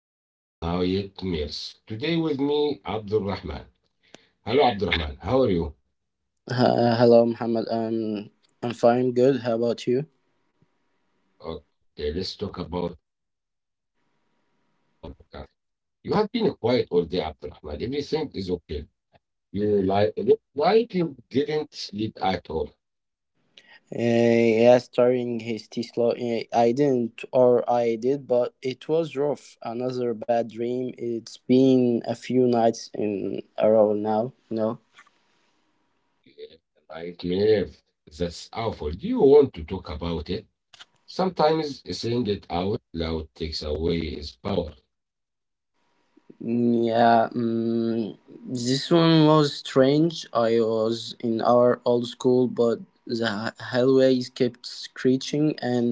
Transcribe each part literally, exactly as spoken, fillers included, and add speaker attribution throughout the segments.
Speaker 1: about Nayet meals. Today with me, Abdul Rahman. Hello Abdul Rahman, how are you?
Speaker 2: Uh, hello, Muhammad. Um, I'm fine, good. How about you?
Speaker 1: Okay, let's talk about our podcast. You have been quiet all day, Abdul Rahman. Everything is okay. You like like you didn't sleep at all.
Speaker 2: Uh, yeah, starting his Tesla. Uh, I didn't, or I did, but it was rough. Another bad dream. It's been a few nights in a row now. No.
Speaker 1: Yeah, like me, that's awful. Do you want to talk about it? Sometimes saying it out loud takes away its power.
Speaker 2: Mm, Yeah, mm this one was strange. I was in our old school, but the hallways kept screeching, and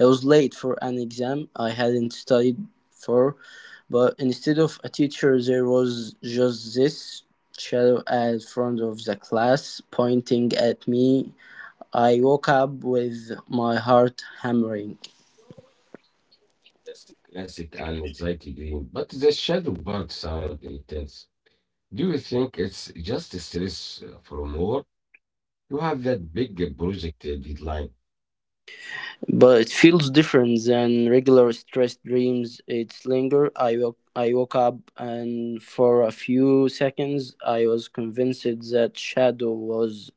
Speaker 2: I was late for an exam I hadn't studied for. But instead of a teacher, there was just this shadow at front of the class pointing at me. I woke up with my heart hammering.
Speaker 1: That's the classic and anxiety dream, but the shadow part sound intense. Do you think it's just stress uh, from work? You have that big project uh, deadline.
Speaker 2: But it feels different than regular stressed dreams. It's linger. I woke, I woke up, and for a few seconds, I was convinced that shadow was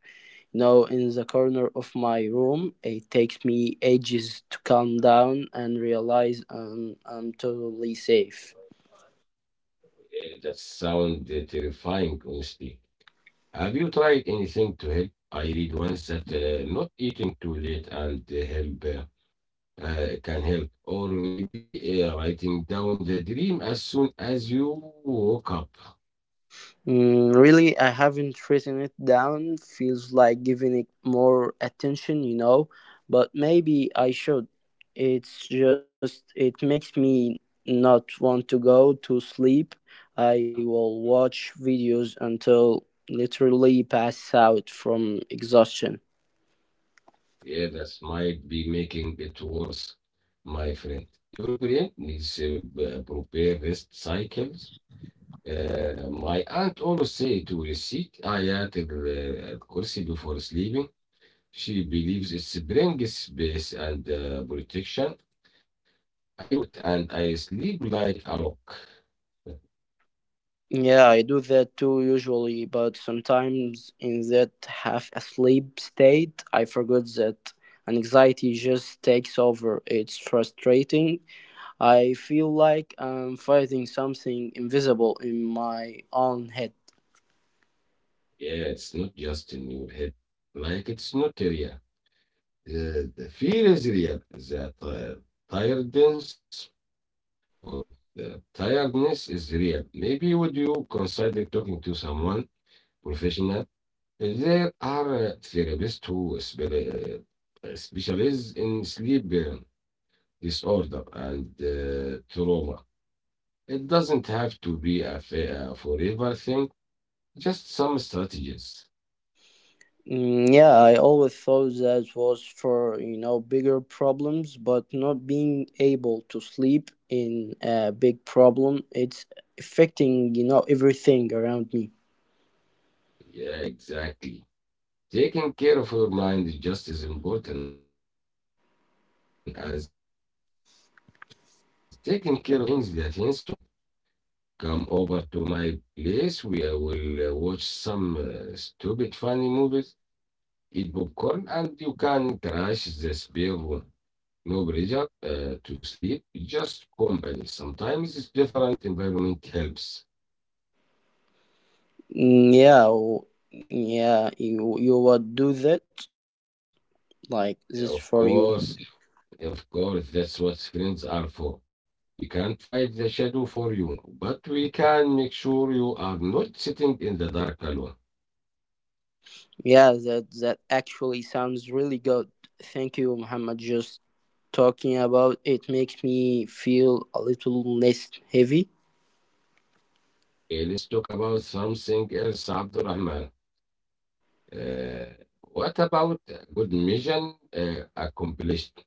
Speaker 2: now in the corner of my room. It takes me ages to calm down and realize um, I'm totally safe.
Speaker 1: Uh, That sound uh, terrifying, honestly. Have you tried anything to help? I read once that uh, not eating too late and uh, help uh, uh, can help, or maybe uh, writing down the dream as soon as you woke up.
Speaker 2: Mm, really, I haven't written it down. Feels like giving it more attention, you know, but maybe I should. It's just, it makes me not want to go to sleep. I will watch videos until literally pass out from exhaustion.
Speaker 1: Yeah, that might be making it worse, my friend. European needs uh, b- prepare rest cycles. Uh, my aunt always say to recite Ayat al-Kursi before sleeping. She believes it brings peace and uh, protection. I do it and I sleep like a rock.
Speaker 2: Yeah, I do that too usually, but sometimes in that half asleep state, I forget that and anxiety just takes over. It's frustrating, I feel like I'm fighting something invisible in my own head.
Speaker 1: Yeah, it's not just in your head. Like it's not real. The, the fear is real. That uh, tiredness or the tiredness is real. Maybe would you consider talking to someone professional? There are uh, therapists who spe- uh, uh, specialize in sleep uh, disorder and uh, trauma. It doesn't have to be a, fa- a forever thing, just some strategies.
Speaker 2: Mm, yeah, I always thought that was for, you know, bigger problems, but not being able to sleep in a big problem, it's affecting, you know, everything around me.
Speaker 1: Yeah, exactly. Taking care of your mind is just as important as taking care of your body. Think about it. The meantime, how about we change the things tonight? Come over to my place. We uh, will uh, watch some uh, stupid funny movies, eat popcorn, and you can crash this bill, no pressure uh, to sleep. Just company. Sometimes it's different environment helps.
Speaker 2: Mm, yeah, w- yeah, you you would do that like this for
Speaker 1: Yeah,
Speaker 2: you.
Speaker 1: of course, of course, that's what friends are for. We can't fight the shadow for you, but we can make sure you are not sitting in the dark alone.
Speaker 2: Yeah, that that actually sounds really good. Thank you, Muhammad. Just talking about it makes me feel a little less heavy.
Speaker 1: Eh, let's talk about something else, Abdurrahman. Uh, what about good mission uh, accomplished?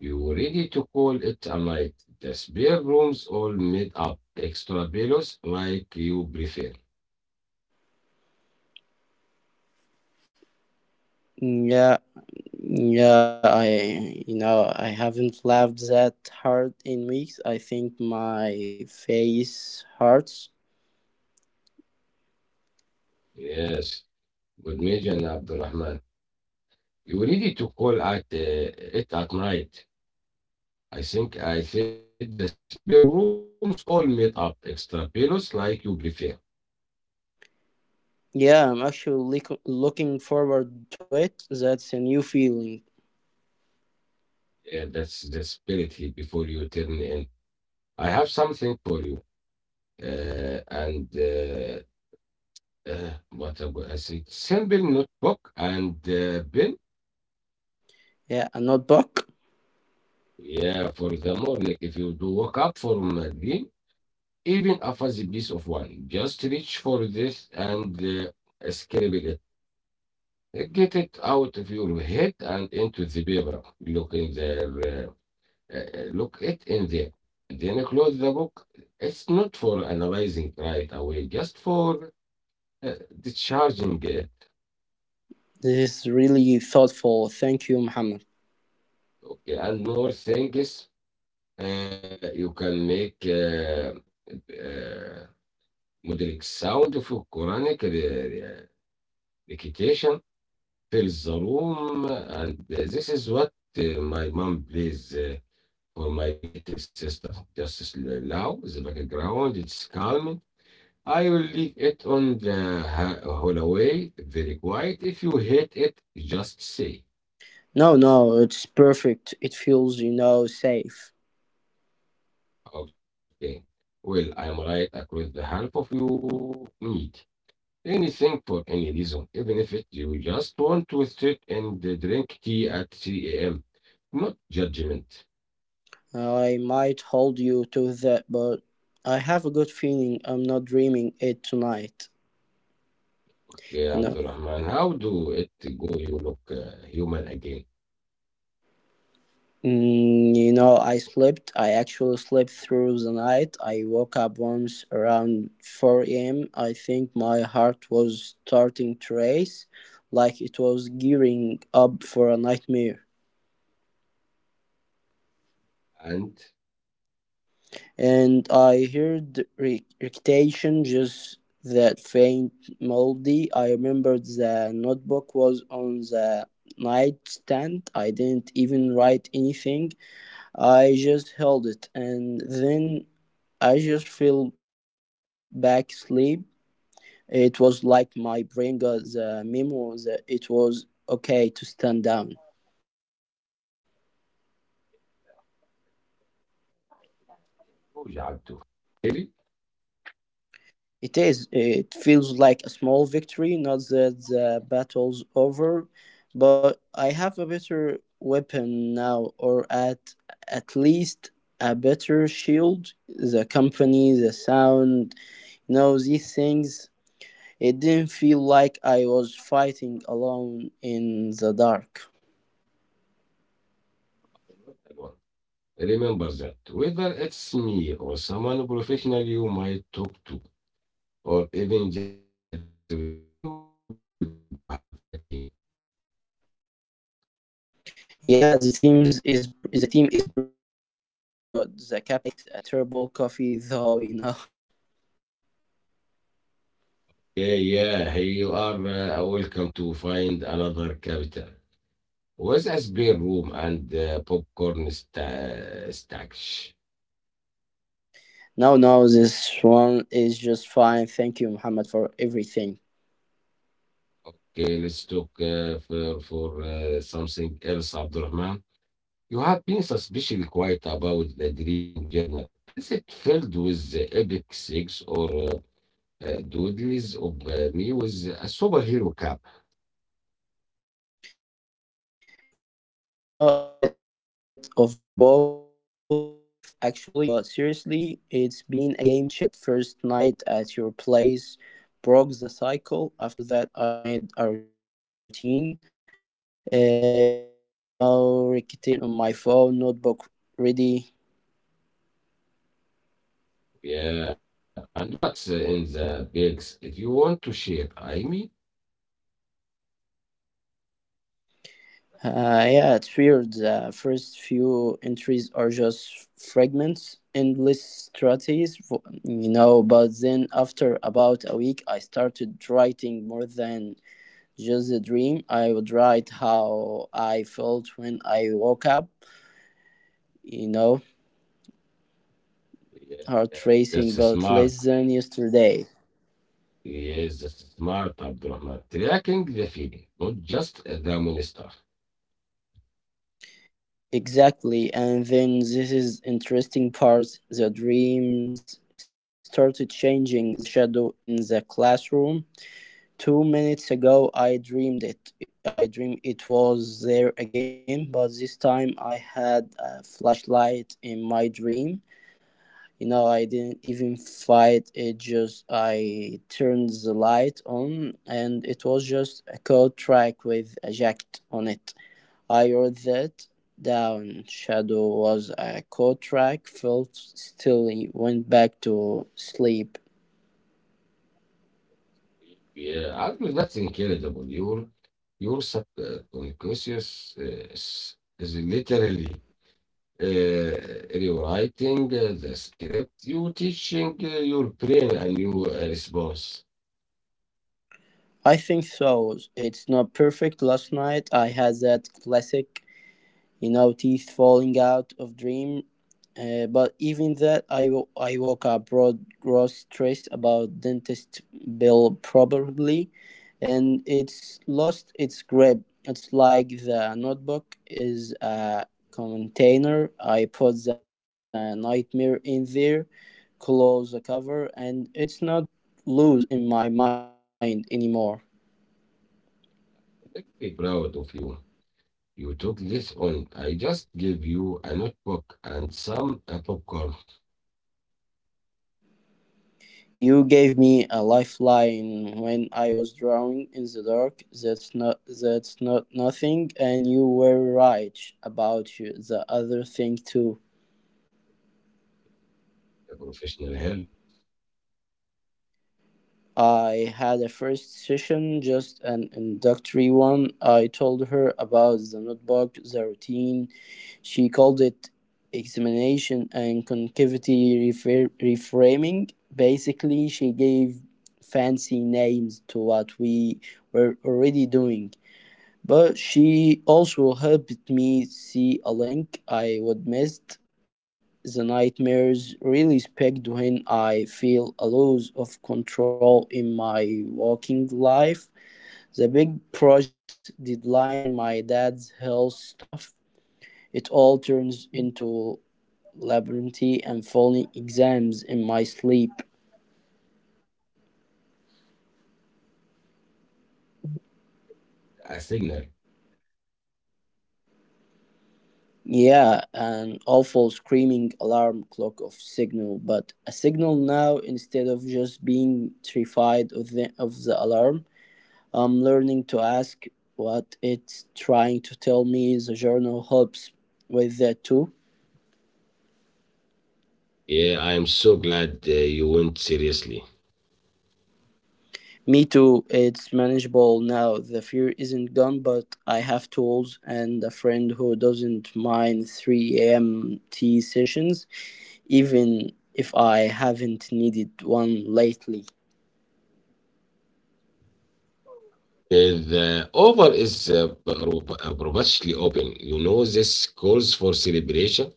Speaker 1: You were ready to call it a night. The spare rooms all made up. Extra pillows like you prefer.
Speaker 2: Yeah, yeah, I, you know, I haven't laughed that hard in weeks. I think my face hurts.
Speaker 1: Yes. Good morning, Abdurrahman. You were ready to call at uh, it at night. I think I said the spare rooms all made up. Extra pillows like you prefer.
Speaker 2: Yeah, I'm actually look- looking forward to it. That's a new feeling.
Speaker 1: Yeah, that's the spirit here before you turn in. I have something for you. Uh, and uh, uh, what I I said, simple notebook and uh, pen.
Speaker 2: Yeah, a notebook.
Speaker 1: Yeah, for the morning, if you do wake up from a dream, even a fuzzy piece of one, just reach for this and uh, scribble it. Get it out of your head and into the paper. Look in there. Uh, uh, uh, look it in there. Then close the book. It's not for analyzing right away, just for uh, discharging it.
Speaker 2: This is really thoughtful. Thank you, Muhammad.
Speaker 1: Okay, and more things uh, you can make. Uh, uh, مدرج sound for Quranic re- re- recitation fills the room, and this is what uh, my mom plays uh, for my little sister. Just s- loud, the background, it's calming. I will leave it on the ha- hallway, very quiet. If you hate it, just say,
Speaker 2: No, no, it's perfect. It feels, you know, safe.
Speaker 1: okay. Well, I am right across the half of you need. Anything for any reason, even if it you just want to sit and drink tea at three a m. Not judgment.
Speaker 2: I might hold you to that, but I have a good feeling I'm not dreaming it tonight. You
Speaker 1: Okay,
Speaker 2: know,
Speaker 1: Abdurrahman, how do it go? You look uh, human again.
Speaker 2: mm, you know, I slept. I actually slept through the night. I woke up once around four a m. I think my heart was starting to race, like it was gearing up for a nightmare.
Speaker 1: And
Speaker 2: And I heard re- recitations just that faint melody. I remembered the notebook was on the nightstand. I didn't even write anything. I just held it, and then I just fell back asleep. It was like my brain got the memo that it was okay to stand down.
Speaker 1: you Jaddu. Really?
Speaker 2: It is. It feels like a small victory, not that the battle's over, but I have a better weapon now, or at at least a better shield. The company, the sound, you know, these things. It didn't feel like I was fighting alone in the dark.
Speaker 1: Not alone. Remember that whether it's me or someone professional you might talk to, or even just this routine you are building, you have at him.
Speaker 2: Yeah, the team's is the team is pretty good. The captain makes a terrible coffee, though. You know.
Speaker 1: Yeah, yeah, here you are. Uh, welcome to find another capital. Was a spare room and uh, popcorn sta- stash?
Speaker 2: No, no, this one is just fine. Thank you, Muhammad, for everything.
Speaker 1: Okay, let's talk uh, for, for uh, something else, Abdurrahman. You have been suspiciously quiet about the dream journal. Is it filled with the epic six or uh, uh, doodles of uh, me with a superhero cap?
Speaker 2: You know, a bit of both, actually, but seriously, it's been a game changer. That first night at your place broke the cycle. After that, I made a routine. Uh, you know, recitation on my phone, notebook ready.
Speaker 1: Yeah, and what's in the bags if you want to share? I mean,
Speaker 2: Uh, yeah, it's weird. The first few entries are just fragments, endless strategies, fo- you know. But then, after about a week, I started writing more than just a dream. I would write how I felt when I woke up, you know,
Speaker 1: yeah, yeah,
Speaker 2: heart
Speaker 1: that's
Speaker 2: racing, but
Speaker 1: smart.
Speaker 2: less than yesterday.
Speaker 1: Yes, that's smart, Abdurrahman. Tracking the feeling, not just the monster.
Speaker 2: Exactly, and then this is interesting part. The dreams started changing. The shadow in the classroom two minutes ago I dreamed it. I dreamed it was there again, but this time I had a flashlight in my dream. You know, I didn't even fight it, just I turned the light on, and it was just a code track with a jacket on it. I wrote that down. Shadow was a code track, felt still, went back to sleep.
Speaker 1: Yeah, actually, that's incredible. Your your subconscious uh, is, is literally uh, rewriting uh, the script. You teaching uh, your brain a new uh, response.
Speaker 2: I think so. It's not perfect. Last night I had that classic, you know, teeth falling out of dream. Uh, but even that, I, wo- I woke up broad gross stress about dentist bill probably, and it's lost its grip. It's like the notebook is a container. I put the nightmare in there, close the cover, and it's not loose in my mind anymore.
Speaker 1: Be proud of you. You took this on. I just gave you a notebook and some uh, popcorn.
Speaker 2: You gave me a lifeline when I was drowning in the dark. That's not that's not nothing, and you were right about you, the other thing too.
Speaker 1: A professional help,
Speaker 2: I had a first session, just an introductory one. I told her about the notebook, the routine. She called it examination and concavity refer- reframing. Basically, she gave fancy names to what we were already doing. But she also helped me see a link I would missed. The nightmares really speak when I feel a loss of control in my working life. The big project deadline, my dad's health stuff, it all turns into labyrinth and falling exams in my sleep.
Speaker 1: a signal.
Speaker 2: Yeah, an awful screaming alarm clock of signal, but a signal now instead of just being terrified of the of the alarm, I'm learning to ask what it's trying to tell me. The journal helps with that too.
Speaker 1: Yeah, I am so glad uh, you went seriously.
Speaker 2: Me too, it's manageable now. The fear isn't gone, but I have tools and a friend who doesn't mind three a m tea sessions, even if I haven't needed one lately.
Speaker 1: Uh, the offer is uh, pro- uh, purposely open. You know, this calls for celebration,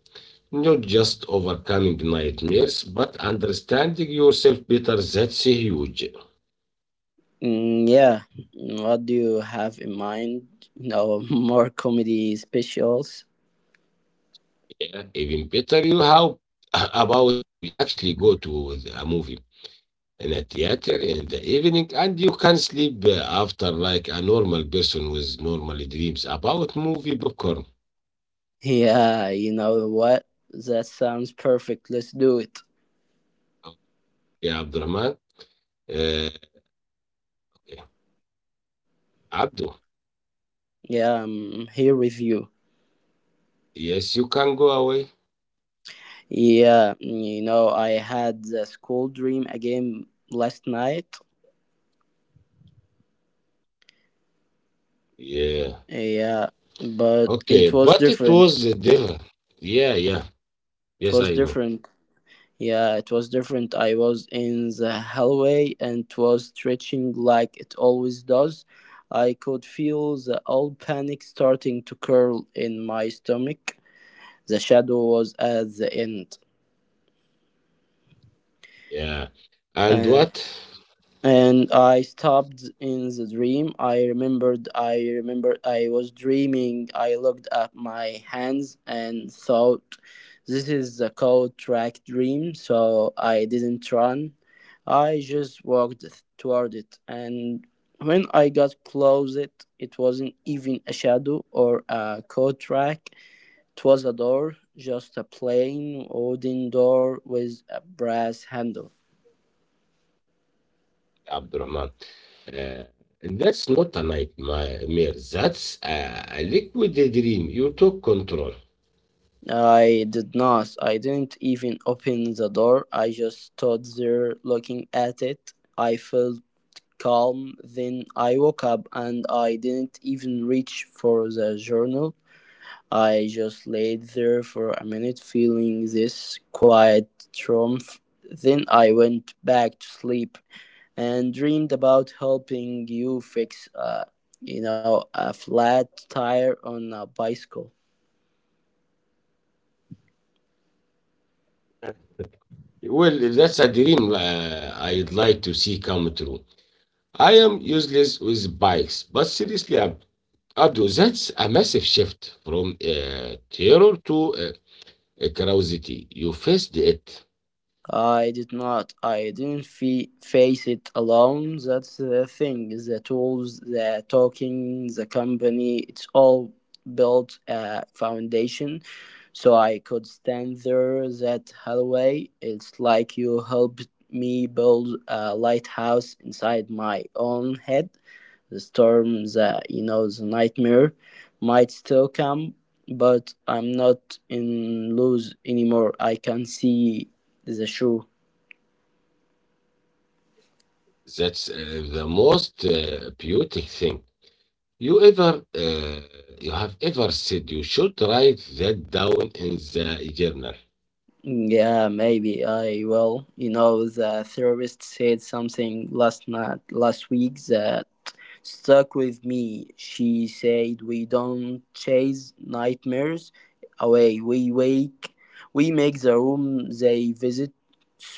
Speaker 1: not just overcoming nightmares, but understanding yourself better. That's huge.
Speaker 2: Mm, yeah. What do you have in mind? You know, more comedy specials?
Speaker 1: Yeah, even better. You how about we actually go to the- a movie in a theater in the evening and you can sleep uh, after like a normal person with normal dreams about movie popcorn.
Speaker 2: Yeah, you know what? That sounds perfect. Let's do it.
Speaker 1: Okay, Abdurrahman. Uh, okay. Abdul,
Speaker 2: Yeah, I'm here with you.
Speaker 1: yes, you can go away.
Speaker 2: Yeah, mm, you know, I had the school dream again last night.
Speaker 1: Yeah.
Speaker 2: Yeah, but
Speaker 1: Okay,
Speaker 2: it was
Speaker 1: but it was
Speaker 2: different.
Speaker 1: the devil. Yeah, yeah.
Speaker 2: It
Speaker 1: Yes,
Speaker 2: was
Speaker 1: I know.
Speaker 2: different. Yeah, it was different. I was in the hallway and it was stretching like it always does. I could feel the old panic starting to curl in my stomach. The shadow was at the end.
Speaker 1: Yeah. And
Speaker 2: And.
Speaker 1: what?
Speaker 2: and I stopped in the dream. I remembered, I remembered, I was dreaming. I looked at my hands and thought, this is a cold track dream, so I didn't run. I just walked toward it, and when I got close, it, it wasn't even a shadow or a cold track. It was a door, just a plain wooden door with a brass handle.
Speaker 1: Abdurrahman. Uh, that's not a nightmare. That's a, a liquid dream. You took control.
Speaker 2: I did not. I didn't even open the door. I just stood there looking at it. I felt calm. Then I woke up and I didn't even reach for the journal. I just laid there for a minute feeling this quiet triumph. Then I went back to sleep and dreamed about helping you fix, uh, you know, a flat tire on a bicycle.
Speaker 1: Well, that's a dream uh, I'd like to see come true. I am useless with bikes, but seriously, Ab- Abdul, that's a massive shift from uh, terror to uh, curiosity. You faced it.
Speaker 2: I did not. I didn't fe face it alone. That's the thing. The tools, the talking, the company, it's all built a foundation. So I could stand there that hallway. It's like you helped me build a lighthouse inside my own head. The storm, the you know, the nightmare might still come, but I'm not in lose anymore. I can see the shoe.
Speaker 1: That's uh, the most uh, beautiful thing you ever uh, you have ever said. You should write that down in the journal.
Speaker 2: Yeah, maybe I will. You know, the therapist said something last night, last week that stuck with me. She said we don't chase nightmares away, we wake we make the room they visit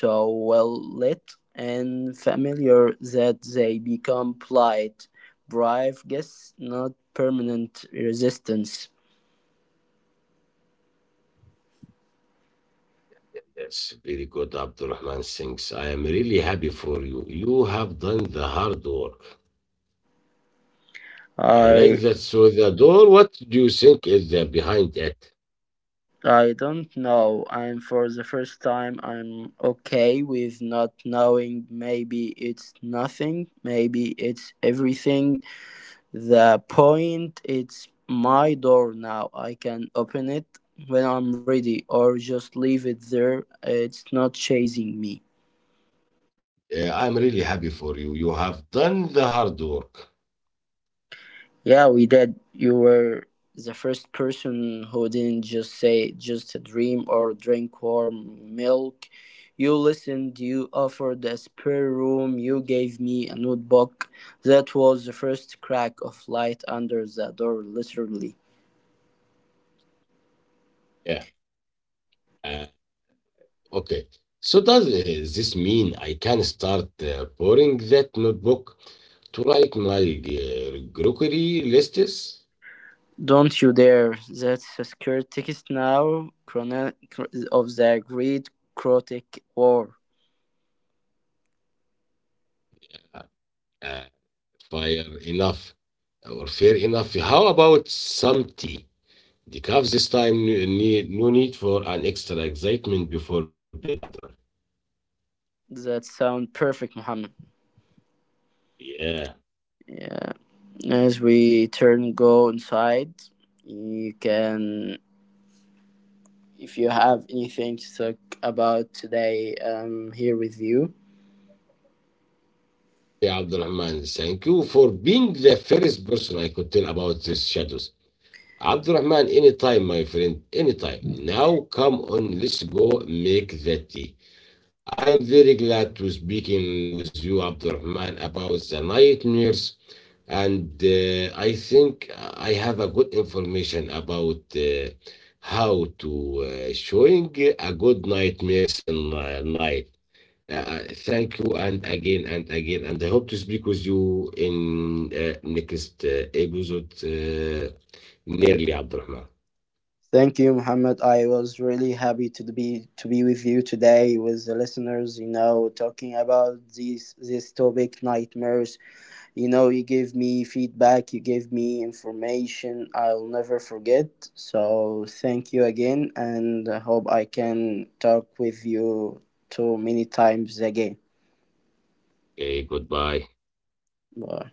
Speaker 2: so well lit and familiar that they become polite, brave guests, not permanent resistance.
Speaker 1: Yes, very good, Abdul Rahman. Thanks. I am really happy for you. You have done the hard work. I like
Speaker 2: I
Speaker 1: that. So the door, what do you think is uh, behind it?
Speaker 2: I don't know. And for the first time, I'm okay with not knowing. Maybe it's nothing. Maybe it's everything. The point it's my door now. I can open it when I'm ready or just leave it there. It's not chasing me.
Speaker 1: Uh, I'm really happy for you. You have done the hard work.
Speaker 2: Yeah, we did. You were the first person who didn't just say just a dream or drink warm milk. You listened, you offered a spare room, you gave me a notebook. That was the first crack of light under the door, literally.
Speaker 1: Yeah. Uh, okay. So does uh, this mean I can start uh, pouring that notebook to write my uh, grocery lists?
Speaker 2: Don't you dare! That's a scare text now chrono- of the Great Crotic War.
Speaker 1: Uh, uh, fire enough or Fair enough. How about some tea? The calves this time ne- need no need for an extra excitement before bed, Abdurrahman.
Speaker 2: That sound perfect, Muhammad.
Speaker 1: Yeah.
Speaker 2: Yeah. As we turn go inside, you can, if you have anything to talk about today, I'm here with you.
Speaker 1: Abdul Rahman, thank you for being the first person I could tell about these shadows. Abdul Rahman, anytime, my friend, anytime. Now, come on, let's go make the tea. I am very glad to speaking with you, Abdul Rahman, about the nightmares, and uh, I think I have a good information about uh, how to uh, showing a good nightmares in uh, night. Uh, uh, thank you and again and again and I hope to speak with you in uh, next uh, episode uh, nearly Abdurrahman.
Speaker 2: Thank you, Muhammad. I was really happy to be to be with you today with the listeners. You know, talking about these this topic, nightmares. You know, you gave me feedback, you gave me information I'll never forget. So thank you again, and I hope I can talk with you too many times again.
Speaker 1: Okay, goodbye.
Speaker 2: Bye.